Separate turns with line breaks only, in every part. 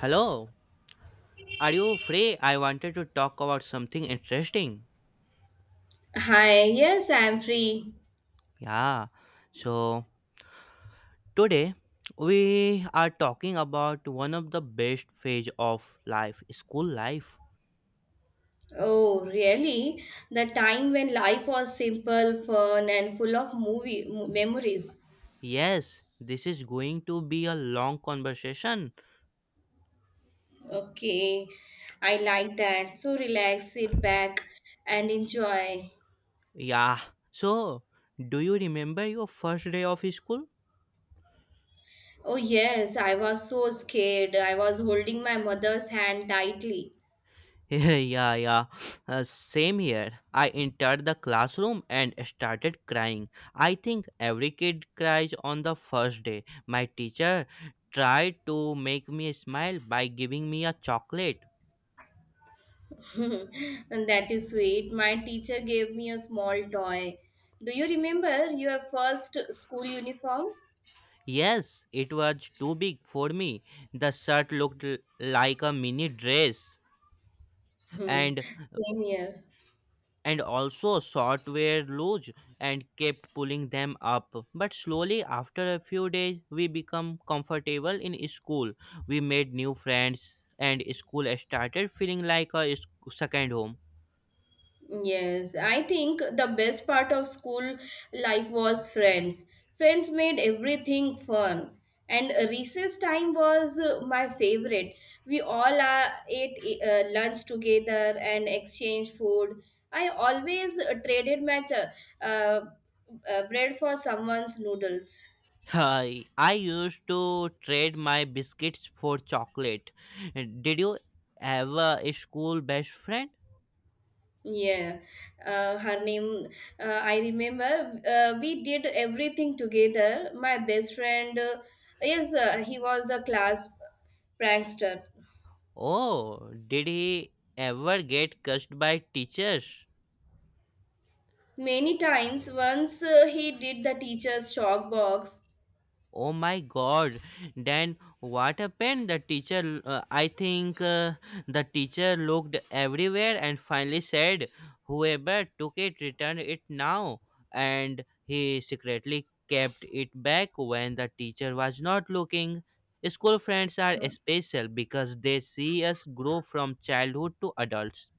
Hello, are you free? I wanted to talk about something interesting.
Hi, yes, I'm free.
Yeah, so today we are talking about one of the best phase of life, school life.
Oh, really? The time when life was simple, fun, and full of movie memories.
Yes, this is going to be a long conversation.
Okay, I like that. So relax, sit back, and enjoy.
Yeah, so do you remember your first day of school?
Oh, yes, I was so scared. I was holding my mother's hand tightly.
Yeah, yeah. Same here. I entered the classroom and started crying. I think every kid cries on the first day. My teacher tried to make me smile by giving me a chocolate.
And that is sweet. My teacher gave me a small toy. Do you remember your first school uniform?
Yes, it was too big for me. The shirt looked like a mini dress, and
Same here.
also short were loose and kept pulling them up. But slowly, after a few days, we become comfortable in school. We made new friends, and school started feeling like a second home.
Yes, I think the best part of school life was friends. Friends made everything fun. And recess time was my favorite. We all ate lunch together and exchanged food. I always traded my uh, bread for someone's noodles.
Hi, I used to trade my biscuits for chocolate. Did you ever a school best friend?
Yeah, her name, I remember. We did everything together. My best friend, yes, he was the class prankster.
Oh, did he ever get cursed by teachers?
Many times, once he did the teacher's shock box.
Oh my god. Then what happened? The teacher looked everywhere and finally said, "Whoever took it, return it now." And he secretly kept it back when the teacher was not looking. School friends are special because they see us grow from childhood to adults.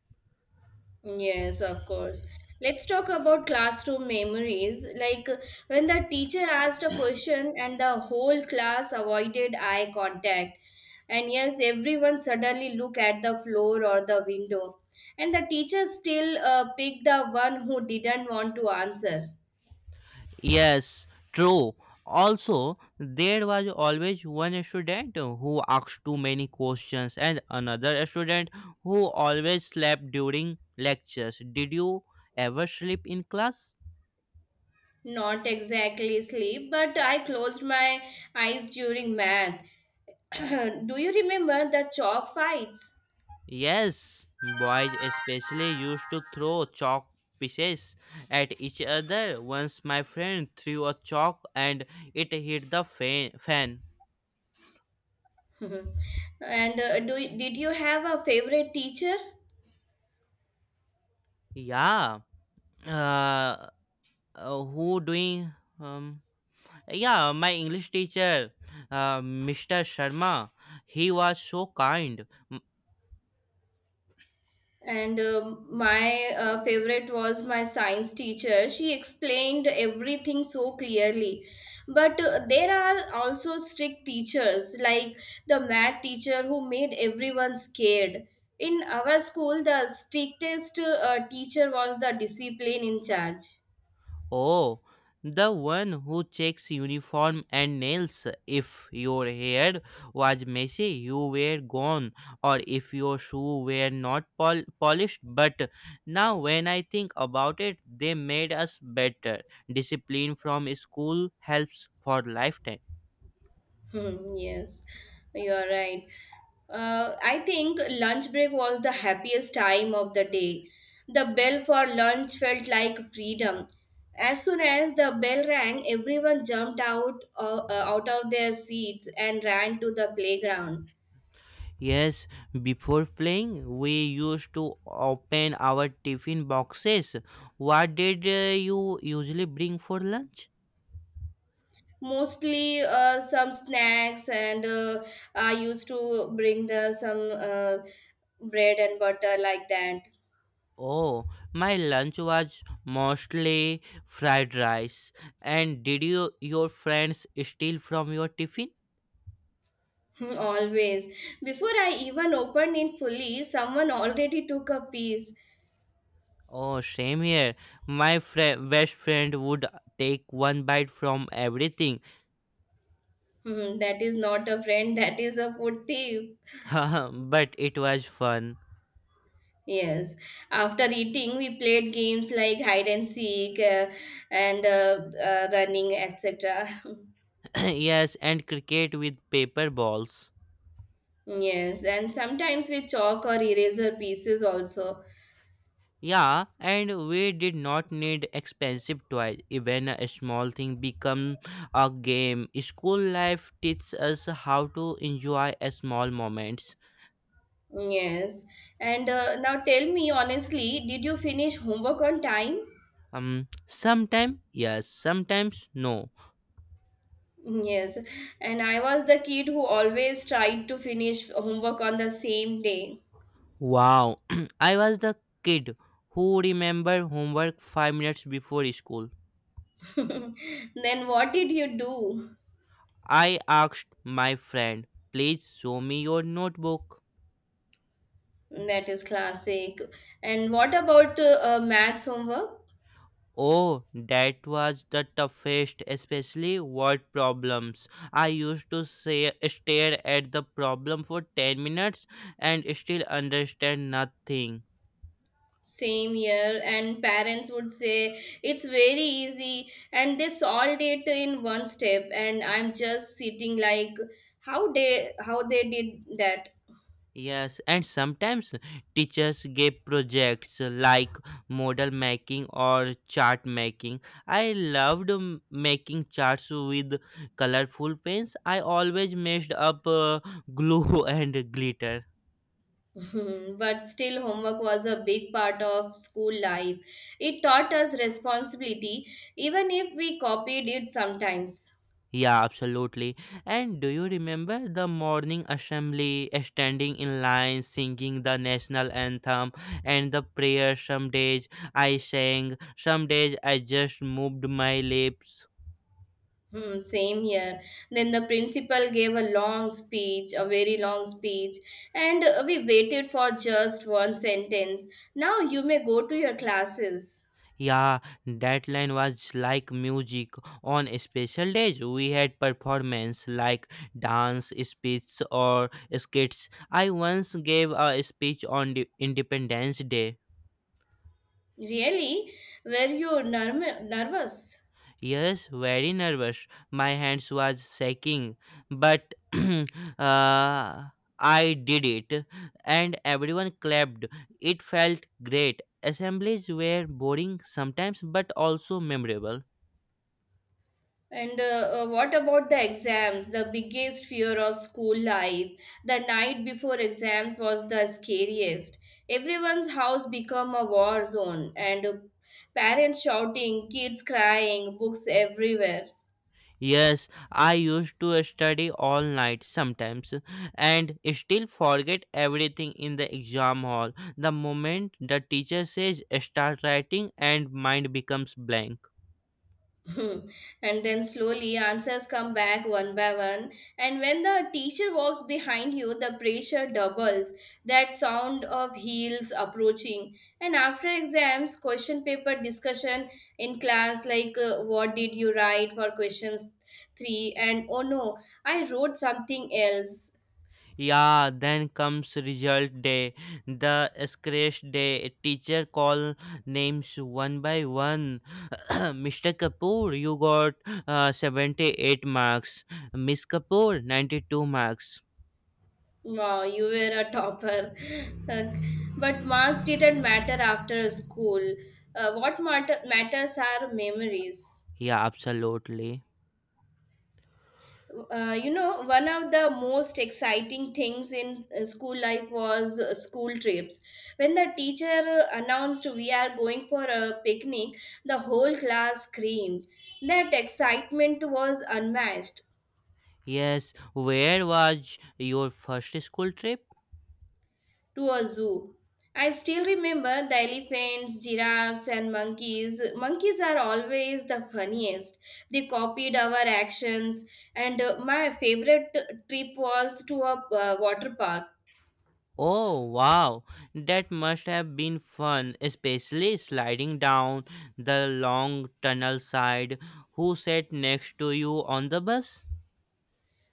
Yes, of course. Let's talk about classroom memories. Like when the teacher asked a question and the whole class avoided eye contact. And yes, everyone suddenly look at the floor or the window. And the teacher still picked the one who didn't want to answer.
Yes, true. Also, there was always one student who asked too many questions and another student who always slept during lectures. Did you ever sleep in class?
Not exactly sleep, but I closed my eyes during math. Do you remember the chalk fights?
Yes, boys especially used to throw chalk pieces at each other. Once my friend threw a chalk and it hit the fan.
Mhm. And do did you have a favorite teacher?
Yeah. Uh, who doing um Yeah, my English teacher, Mr. Sharma, he was so kind. M-
And my favorite was my science teacher. She explained everything so clearly. But there are also strict teachers, like the math teacher who made everyone scared. In our school, the strictest teacher was the discipline in charge.
Oh, the one who checks uniform and nails. If your hair was messy, you were gone, or if your shoe were not polished. But now, when I think about it, they made us better. Discipline from school helps for lifetime.
Hmm, yes, you are right. I think lunch break was the happiest time of the day. The bell for lunch felt like freedom. As soon as the bell rang, everyone jumped out of their seats and ran to the playground.
Yes, before playing, we used to open our tiffin boxes. What did you usually bring for lunch?
Mostly, some snacks and I used to bring the some bread and butter like that.
Oh, my lunch was mostly fried rice. And did you your friends steal from your tiffin?
Always. Before I even opened it fully, someone already took a piece.
Oh, same here. My fri best friend would take one bite from everything.
Hmm, that is not a friend, that is a food thief.
But it was fun.
Yes. After eating, we played games like hide and seek, and running, etc.
Yes, and cricket with paper balls.
Yes. And sometimes with chalk or eraser pieces also.
Yeah, and we did not need expensive toys. Even a small thing become a game. School life teaches us how to enjoy a small moments.
Yes. And now tell me honestly, did you finish homework on time?
Sometimes yes, sometimes no.
Yes, and I was the kid who always tried to finish homework on the same day.
Wow. I was the kid who remembered homework 5 minutes before school.
Then what did you do?
I asked my friend, "Please show me your notebook."
That is classic. And what about maths homework?
Oh, that was the toughest, especially word problems. I used to say, stare at the problem for 10 minutes and still understand nothing.
Same year, and parents would say it's very easy, and they solved it in one step. And I'm just sitting like, how they did that?
Yes, and sometimes teachers gave projects like model making or chart making. I loved making charts with colorful pens. I always messed up glue and glitter.
Hmm, but still, homework was a big part of school life. It taught us responsibility, even if we copied it sometimes.
Yeah, absolutely. And do you remember the morning assembly, standing in line, singing the national anthem and the prayer? Some days I sang, some days I just moved my lips.
Hmm, same here. Then the principal gave a long speech, a very long speech, and we waited for just one sentence. Now you may go to your classes.
Yeah, that line was like music. On special days, we had performance like dance, speech, or skits. I once gave a speech on the Independence Day.
Really? Were you nervous?
Yes, very nervous. My hands was shaking, but uh, I did it, and everyone clapped. It felt great. Assemblies were boring sometimes, but also memorable.
And what about the exams? The biggest fear of school life. The night before exams was the scariest. Everyone's house become a war zone and parents shouting, kids crying, books everywhere.
Yes, I used to study all night sometimes and still forget everything in the exam hall. The moment the teacher says start writing and mind becomes blank.
Hmm. And then slowly answers come back one by one, and when the teacher walks behind you, the pressure doubles, that sound of heels approaching. And after exams, question paper discussion in class like what did you write for questions 3, and oh no, I wrote something else.
Yeah, then comes result day, the scratch day. Teacher call names one by one. Mr. Kapoor, you got 78 marks. Miss Kapoor, 92 marks.
Wow, you were a topper. Uh, but marks didn't matter after school, what matters are memories.
Yeah, absolutely.
You know, one of the most exciting things in school life was school trips. When the teacher announced we are going for a picnic, the whole class screamed. That excitement was unmatched.
Yes, where was your first school trip?
To a zoo. I still remember the elephants, giraffes, and monkeys. Monkeys are always the funniest. They copied our actions, and my favorite trip was to a water park.
Oh, wow. That must have been fun, especially sliding down the long tunnel side. Who sat next to you on the bus?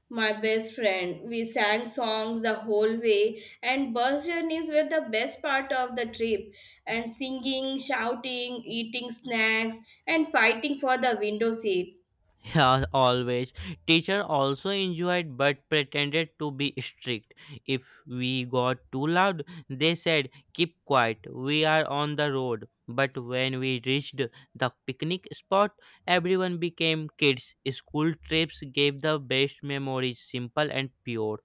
My best friend, we sang songs the whole way, and bus journeys were the best part of the trip. And singing, shouting, eating snacks, and fighting for the window seat.
Yeah, always. Teacher also enjoyed but pretended to be strict. If we got too loud, they said, "Keep quiet, we are on the road." But when we reached the picnic spot, everyone became kids. School trips gave the best memories, simple and pure.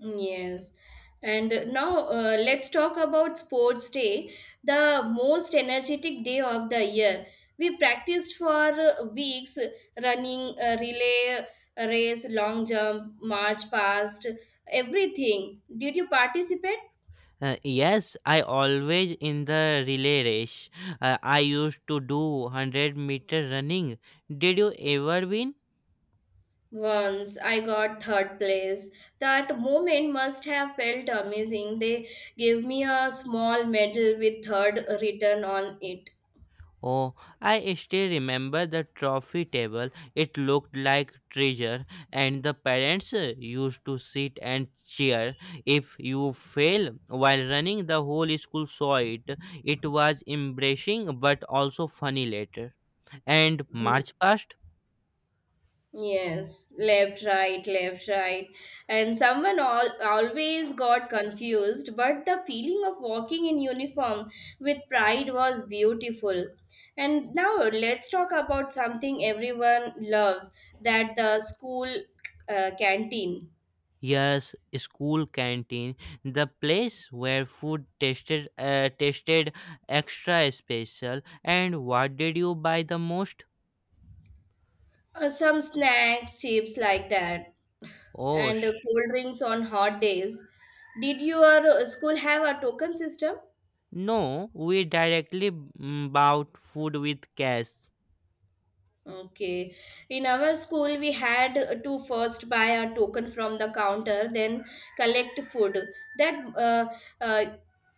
Yes. And now let's talk about sports day, the most energetic day of the year. We practiced for weeks running, relay, race, long jump, march past, everything. Did you participate?
Yes, I always in the relay race. I used to do 100-meter running. Did you ever win?
Once I got third place. That moment must have felt amazing. They gave me a small medal with third written on it.
Oh, I still remember the trophy table. It looked like treasure, and the parents used to sit and cheer. If you fail while running, the whole school saw it. It was embarrassing but also funny later. And March past.
Yes, left, right, left, right. And always got confused, but the feeling of walking in uniform with pride was beautiful. And now let's talk about something everyone loves, that the school canteen.
Yes, school canteen, the place where food tasted extra special. And what did you buy the most?
Some snacks, chips like that,
Oh,
and cold drinks on hot days. Did your school have a token system?
no, we directly bought food with cash.
Okay. In our school, we had to first buy a token from the counter, then collect food. That uh,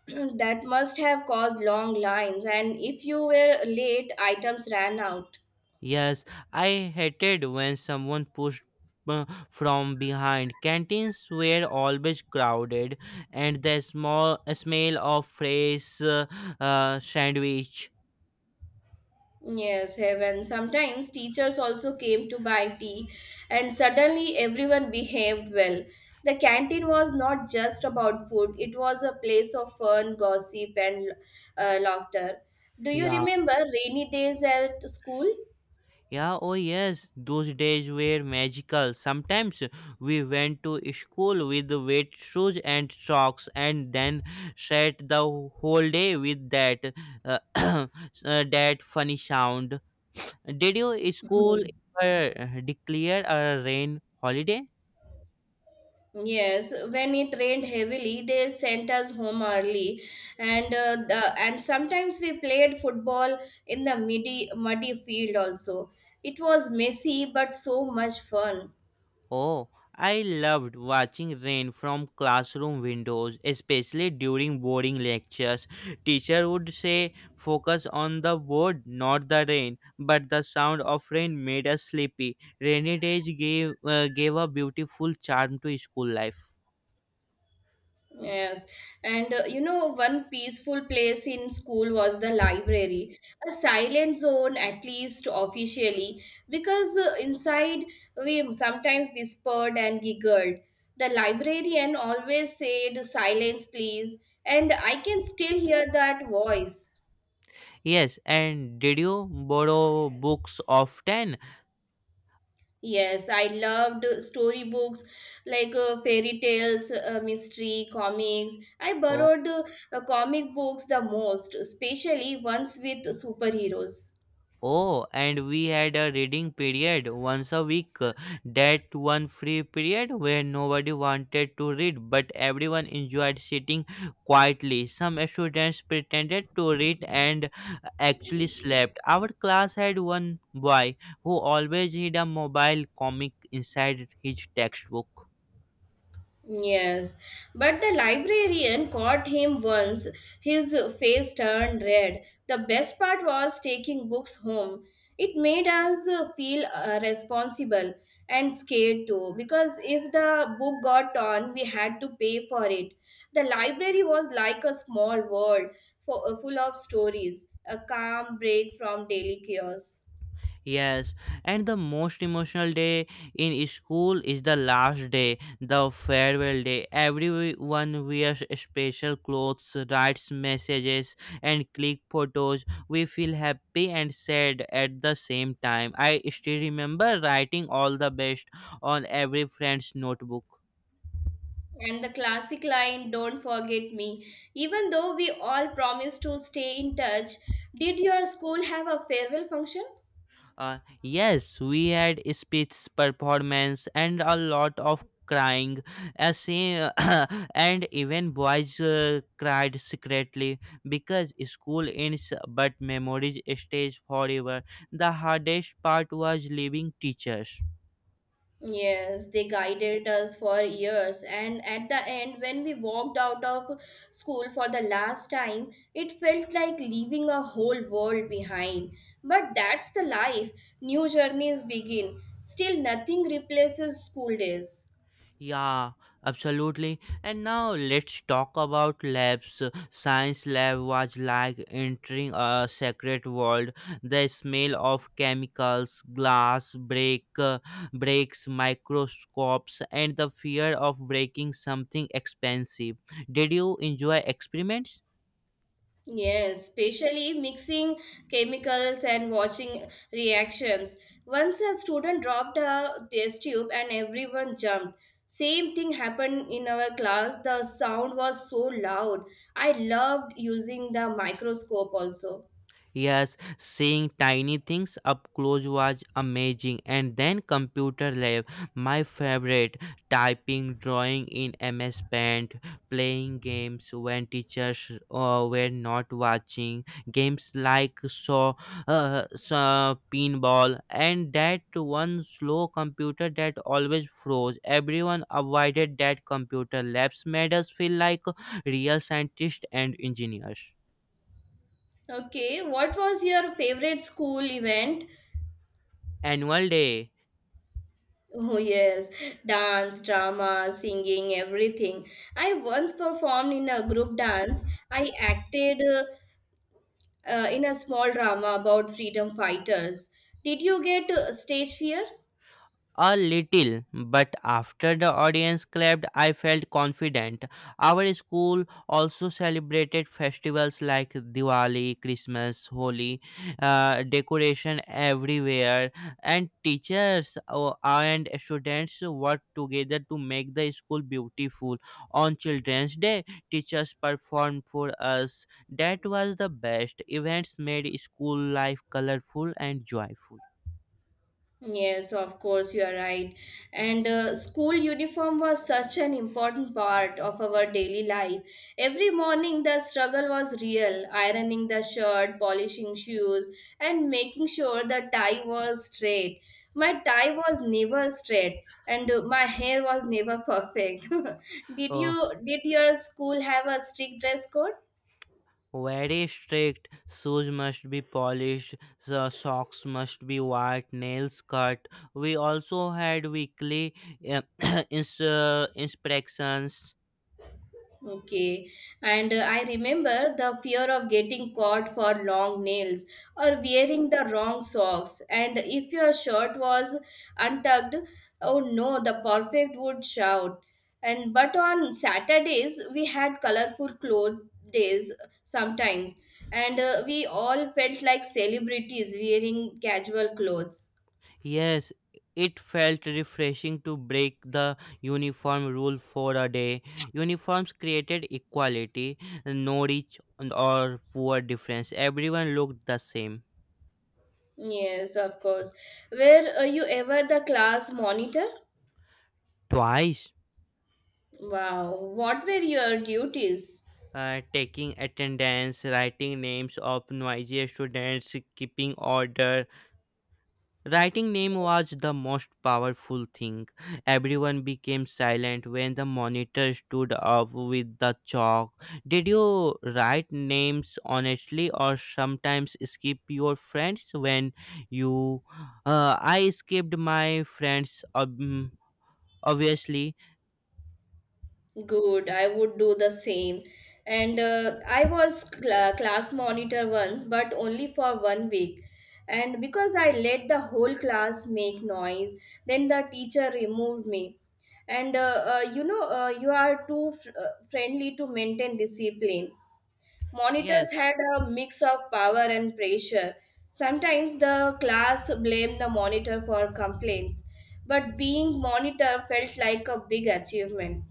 that must have caused long lines, and if you were late, items ran out.
Yes, I hated when someone pushed from behind. Canteens were always crowded, and the small smell of fresh sandwich.
Yes, heaven. Sometimes teachers also came to buy tea, and suddenly everyone behaved well. The canteen was not just about food, it was a place of fun, gossip, and laughter. Do you
Yeah.
remember rainy days at school?
Yeah, oh yes, those days were magical. Sometimes we went to school with wet shoes and socks and then sat the whole day with that uh, uh, that funny sound. Did your school
Mhm.
ever declare a rain holiday?
Yes, when it rained heavily, they sent us home early, and sometimes we played football in the muddy muddy field also. It was messy but so much fun.
Oh, I loved watching rain from classroom windows, especially during boring lectures. Teacher would say, focus on the board, not the rain. But the sound of rain made us sleepy. Rainy days gave a beautiful charm to school life.
Yes, and you know, one peaceful place in school was the library, a silent zone, at least officially, because inside we sometimes whispered and giggled. The librarian always said, "Silence, please," and I can still hear that voice.
Yes, and did you borrow books often?
Yes, I loved storybooks like fairy tales, mystery, comics. I
Oh,
borrowed comic books the most, especially ones with superheroes.
oh, and we had a reading period once a week. That one free period where nobody wanted to read, but everyone enjoyed sitting quietly. Some students pretended to read and actually slept. Our class had one boy who always hid a mobile comic inside his textbook.
Yes, but the librarian caught him once. His face turned red. The best part was taking books home. It made us feel responsible and scared too, because if the book got torn, we had to pay for it. The library was like a small world full of stories, a calm break from daily chaos.
Yes, and the most emotional day in school is the last day, the farewell day. Everyone wears special clothes, writes messages, and click photos. We feel happy and sad at the same time. I still remember writing all the best on every friend's notebook.
And the classic line, "Don't forget me." Even though we all promised to stay in touch, did your school have a farewell function?
Yes, we had speech performance and a lot of crying. As scene- and even boys cried secretly because school ends but memories stays forever. The hardest part was leaving teachers.
Yes, they guided us for years, and at the end, when we walked out of school for the last time, it felt like leaving a whole world behind. But that's the life. New journeys begin. Still, nothing replaces school days.
Yeah, absolutely. And now let's talk about labs. Science lab was like entering a secret world. The smell of chemicals, breaks, microscopes, and the fear of breaking something expensive. Did you enjoy experiments?
Yes, especially mixing chemicals and watching reactions. Once a student dropped a test tube and everyone jumped. Same thing happened in our class. The sound was so loud. I loved using the microscope also.
Yes, seeing tiny things up close was amazing. And then computer lab, my favorite. Typing, drawing in MS Paint, playing games when teachers were not watching. Games like saw pinball, and that one slow computer that always froze. Everyone avoided that computer. Labs made us feel like real scientists and engineers.
Okay, what was your favorite school event?
Annual day.
Oh, yes, dance, drama, singing, everything. I once performed in a group dance. I acted in a small drama about freedom fighters. Did you get stage fear?
A little, but after the audience clapped, I felt confident. Our school also celebrated festivals like Diwali, Christmas, Holi, decoration everywhere, and teachers and students worked together to make the school beautiful. On Children's Day, teachers performed for us. That was the best. Events made school life colorful and joyful.
Yes, of course, you are right. And school uniform was such an important part of our daily life. Every morning, the struggle was real, ironing the shirt, polishing shoes, and making sure the tie was straight. My tie was never straight, and my hair was never perfect. did
Uh,
you did your school have a strict dress code?
Very strict. Shoes must be polished, so socks must be white, nails cut. We also had weekly uh, inspections.
Okay, and I remember the fear of getting caught for long nails or wearing the wrong socks. And if your shirt was untucked, oh no, the perfect would shout. And but on Saturdays, we had colorful clothes days sometimes, and we all felt like celebrities wearing casual clothes.
Yes, it felt refreshing to break the uniform rule for a day. Uniforms created equality, no rich or poor difference. Everyone looked the same.
Yes, of course. Were you ever the class monitor?
Twice.
Wow, what were your duties?
Taking attendance, writing names of noisy students, keeping order. Writing name was the most powerful thing. Everyone became silent when the monitor stood up with the chalk. Did you write names honestly or sometimes skip your friends when you I skipped my friends obviously.
Good, I would do the same. And I was class monitor once, but only for one week. And because I let the whole class make noise, then the teacher removed me. And you know, you are too friendly to maintain discipline.
Yes.
Monitors had a mix of power and pressure. Sometimes the class blamed the monitor for complaints, but being monitor felt like a big achievement.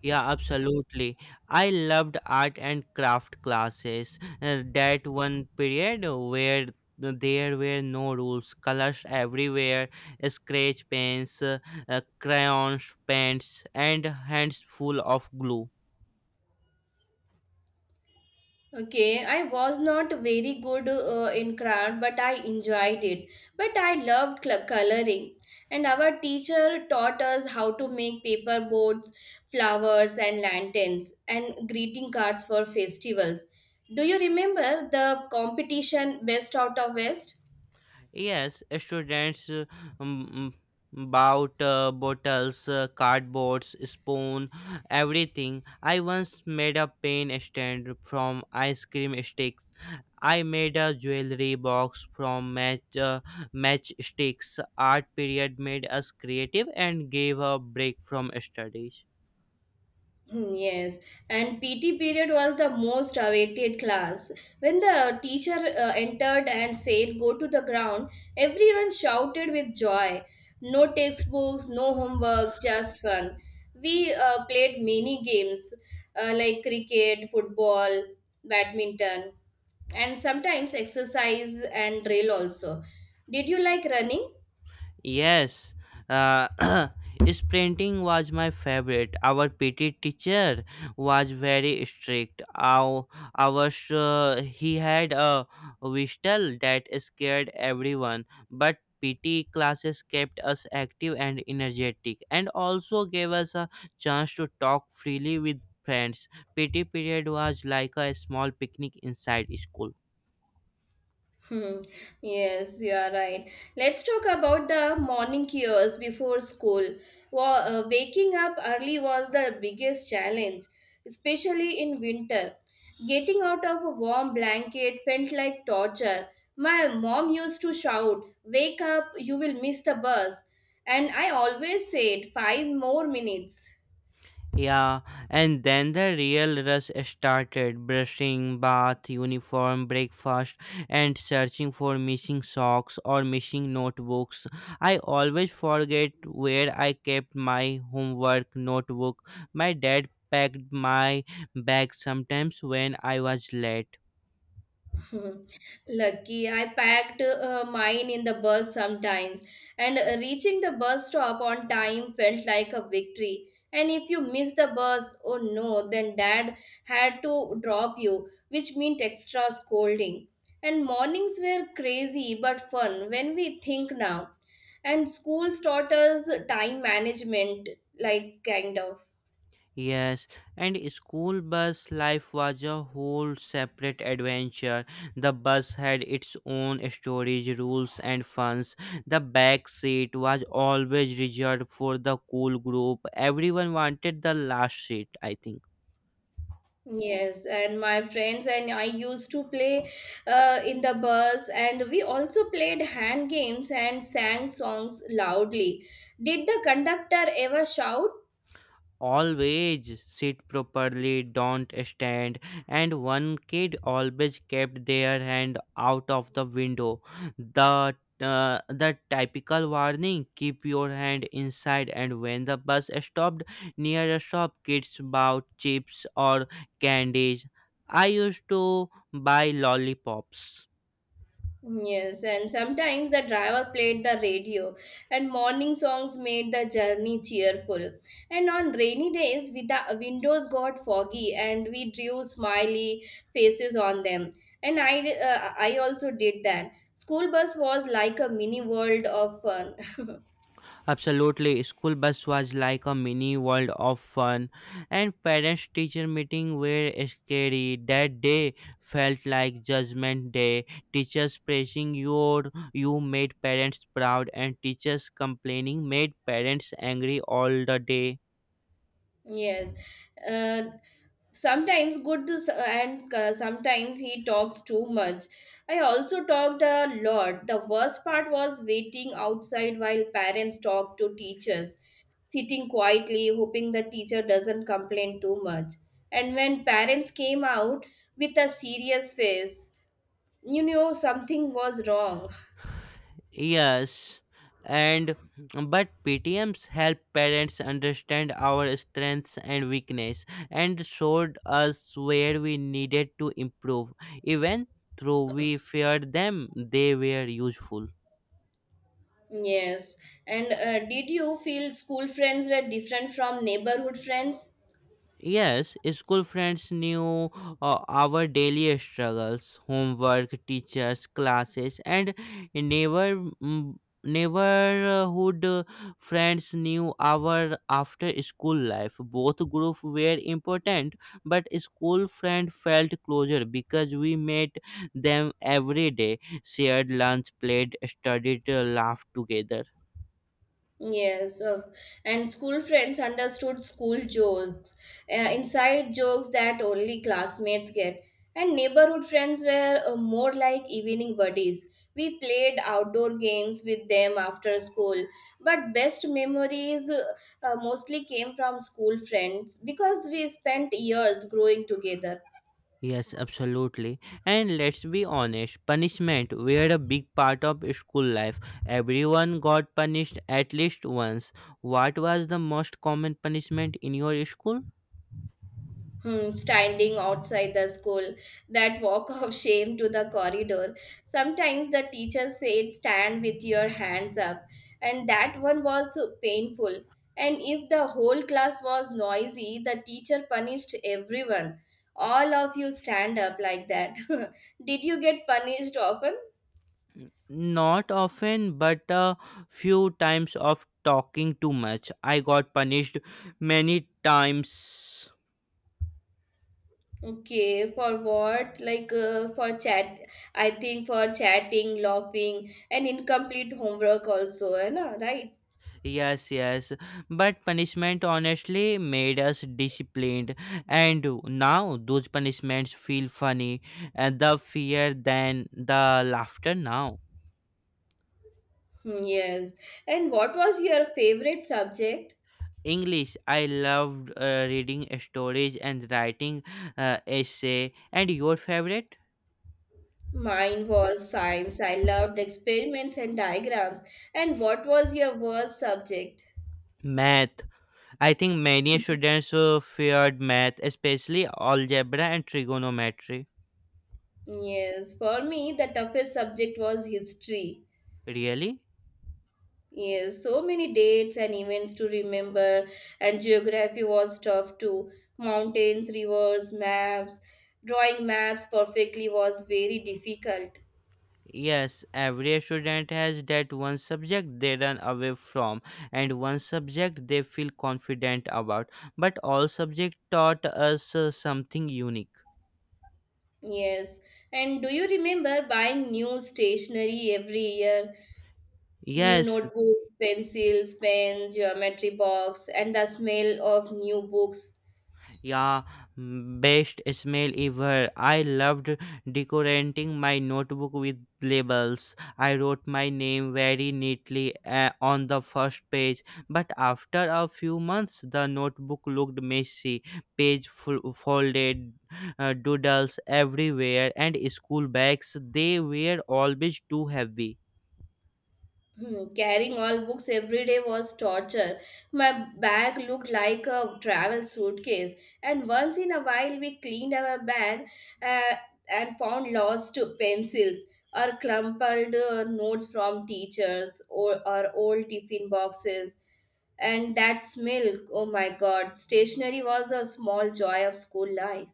Yeah, absolutely. I loved art and craft classes. That one period where there were no rules, colors everywhere, scratch pens, crayons, paints, and hands full of glue.
Okay, I was not very good in craft, but I enjoyed it. But I loved coloring, and our teacher taught us how to make paper boats, flowers, and lanterns, and greeting cards for festivals. Do you remember the competition Best Out of West?
Yes, students um, bought bottles, cardboards, spoon, everything. I once made a pen stand from ice cream sticks. I made a jewelry box from matchsticks. Art period made us creative and gave a break from studies.
Hmm, yes, and PT period was the most awaited class. When the teacher entered and said, "Go to the ground," everyone shouted with joy. No textbooks, no homework, just fun. We played many games like cricket, football, badminton, and sometimes exercise and drill also. Did you like running?
Yes, uh, sprinting was my favorite. Our PT teacher was very strict. He had a whistle that scared everyone, but PT classes kept us active and energetic, and also gave us a chance to talk freely with friends. PT period was like a small picnic inside school.
Hmm, yes, you are right. Let's talk about the morning years before school. Waking up early was the biggest challenge, especially in winter. Getting out of a warm blanket felt like torture. My mom used to shout, "Wake up, you will miss the bus." And I always said, "Five more minutes."
Yeah, and then the real rush started brushing, bath, uniform, breakfast, and searching for missing socks or missing notebooks. I always forget where I kept my homework notebook. My dad packed my bag sometimes when I was late.
Lucky, I packed mine in the bus sometimes, and reaching the bus stop on time felt like a victory. And if you miss the bus, oh no, then dad had to drop you, which meant extra scolding. And mornings were crazy but fun when we think now. And schools taught us time management, like kind of.
Yes, and school bus life was a whole separate adventure. The bus had its own storage rules and funs. The back seat was always reserved for the cool group. Everyone wanted the last seat, I think.
Yes, and my friends and I used to play in the bus, and we also played hand games and sang songs loudly. Did the conductor ever shout?
Always sit properly, don't stand, and one kid always kept their hand out of the window. The the typical warning, keep your hand inside. And when the bus stopped near a shop, kids bought chips or candies. I used to buy lollipops.
Yes, and sometimes the driver played the radio, and morning songs made the journey cheerful. And on rainy days, with the windows got foggy, and we drew smiley faces on them. And I also did that. School bus was like a mini world of fun.
Absolutely, school bus was like a mini world of fun, and parents teacher meeting were scary. That day felt like judgment day. Teachers praising your you made parents proud, and teachers complaining made parents angry all the day.
Yes. Uh, Sometimes good s- and sometimes he talks too much. I also talked a lot. The worst part was waiting outside while parents talk to teachers, sitting quietly, hoping the teacher doesn't complain too much. And when parents came out with a serious face, you know something was wrong.
Yes, and but PTMs help parents understand our strengths and weakness and showed us where we needed to improve. Even though we feared them, they were useful.
Yes. And did you feel school friends were different from neighborhood friends?
Yes, school friends knew our daily struggles, homework, teachers, classes, and neighbor mm, neighborhood friends knew our after school life. Both groups were important, but school friend felt closer because we met them every day, shared lunch, played, studied, laughed together.
Yes, of and school friends understood school jokes, inside jokes that only classmates get. And neighborhood friends were more like evening buddies. We played outdoor games with them after school. But best memories mostly came from school friends because we spent years growing together.
Yes, absolutely. And let's be honest, punishment were a big part of school life. Everyone got punished at least once. What was the most common punishment in your school?
Hmm, standing outside the school, that walk of shame to the corridor. Sometimes the teacher said, "Stand with your hands up," and that one was so painful. And if the whole class was noisy, the teacher punished everyone. All of you stand up like that. Did you get punished often?
Not often, but a few times of talking too much. I got punished many times.
Okay, for what? Like for chat, I think for chatting, laughing, and incomplete homework also, eh, na, right?
Yes, yes. But punishment honestly made us disciplined, and now those punishments feel funny, and the fear than the laughter now.
Mm, yes. And what was your favorite subject?
English, I loved reading stories and writing essay. And your favorite?
Mine was science. I loved experiments and diagrams. And what was your worst subject?
Math. I think many students feared math, especially algebra and trigonometry.
Yes. For me, the toughest subject was history.
Really?
Yes. So many dates and events to remember. And geography was tough too. Mountains, rivers, maps. Drawing maps perfectly was very difficult.
Yes, every student has that one subject they run away from and one subject they feel confident about, but all subjects taught us something unique.
Yes. And do you remember buying new stationery every year? New
Yes.
notebooks, pencils, pens, geometry box, and the smell of new books.
Yeah, best smell ever. I loved decorating my notebook with labels. I wrote my name very neatly on the first page, but after a few months, the notebook looked messy. Page folded, doodles everywhere, and school bags they were always too heavy.
Hmm, carrying all books every day was torture. My bag looked like a travel suitcase, and once in a while we cleaned our bag uh, and found lost pencils or crumpled notes from teachers or old tiffin boxes, and that smell, oh my god, stationery was a small joy of school life.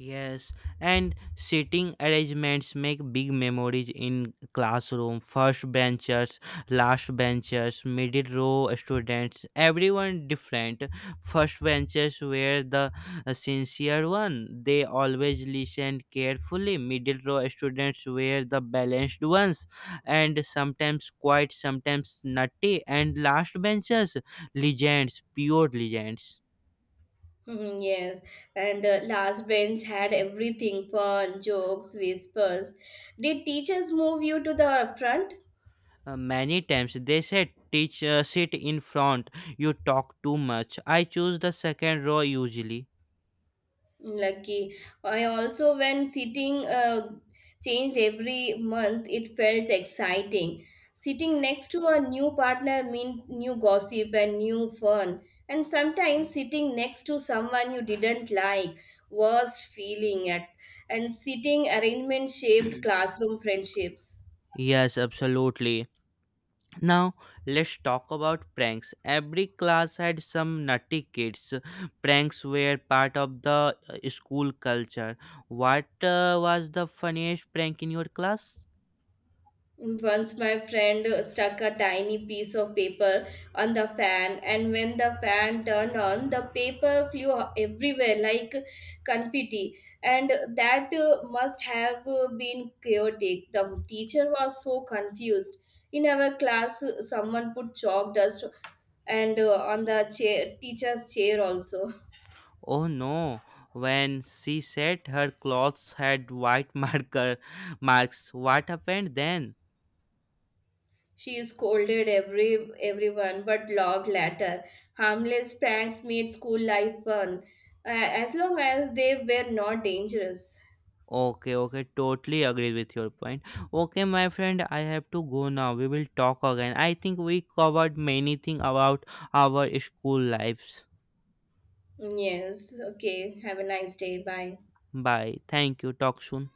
Yes, and seating arrangements make big memories in classroom. First benchers, last benchers, middle row students, everyone different. First benchers were the sincere one. They always listened carefully. Middle row students were the balanced ones and sometimes quiet, sometimes nutty. And last benchers, legends, pure legends.
Mhm, yes, and last bench had everything fun, jokes, whispers. Did teachers move you to the front?
Many times they said, teach, sit in front, you talk too much. I choose the second row usually.
Lucky. I also, when sitting changed every month, it felt exciting. Sitting next to a new partner meant new gossip and new fun. And sometimes sitting next to someone you didn't like, worst feeling at. And sitting arrangement shaped classroom friendships.
Yes, absolutely. Now let's talk about pranks. Every class had some nutty kids. Pranks were part of the school culture. What was the funniest prank in your class?
Once my friend stuck a tiny piece of paper on the fan, and when the fan turned on, the paper flew everywhere like confetti. And that must have been chaotic. The teacher was so confused. In our class, someone put chalk dust and on the chair, teacher's chair also.
Oh no, when she said her clothes had white marker marks, what happened then?
She scolded everyone, but loved latter. Harmless pranks made school life fun, as long as they were not dangerous.
Okay, okay, totally agree with your point. Okay, my friend, I have to go now. We will talk again. I think we covered many things about our school lives.
Yes. Okay. Have a nice day. Bye.
Bye. Thank you. Talk soon.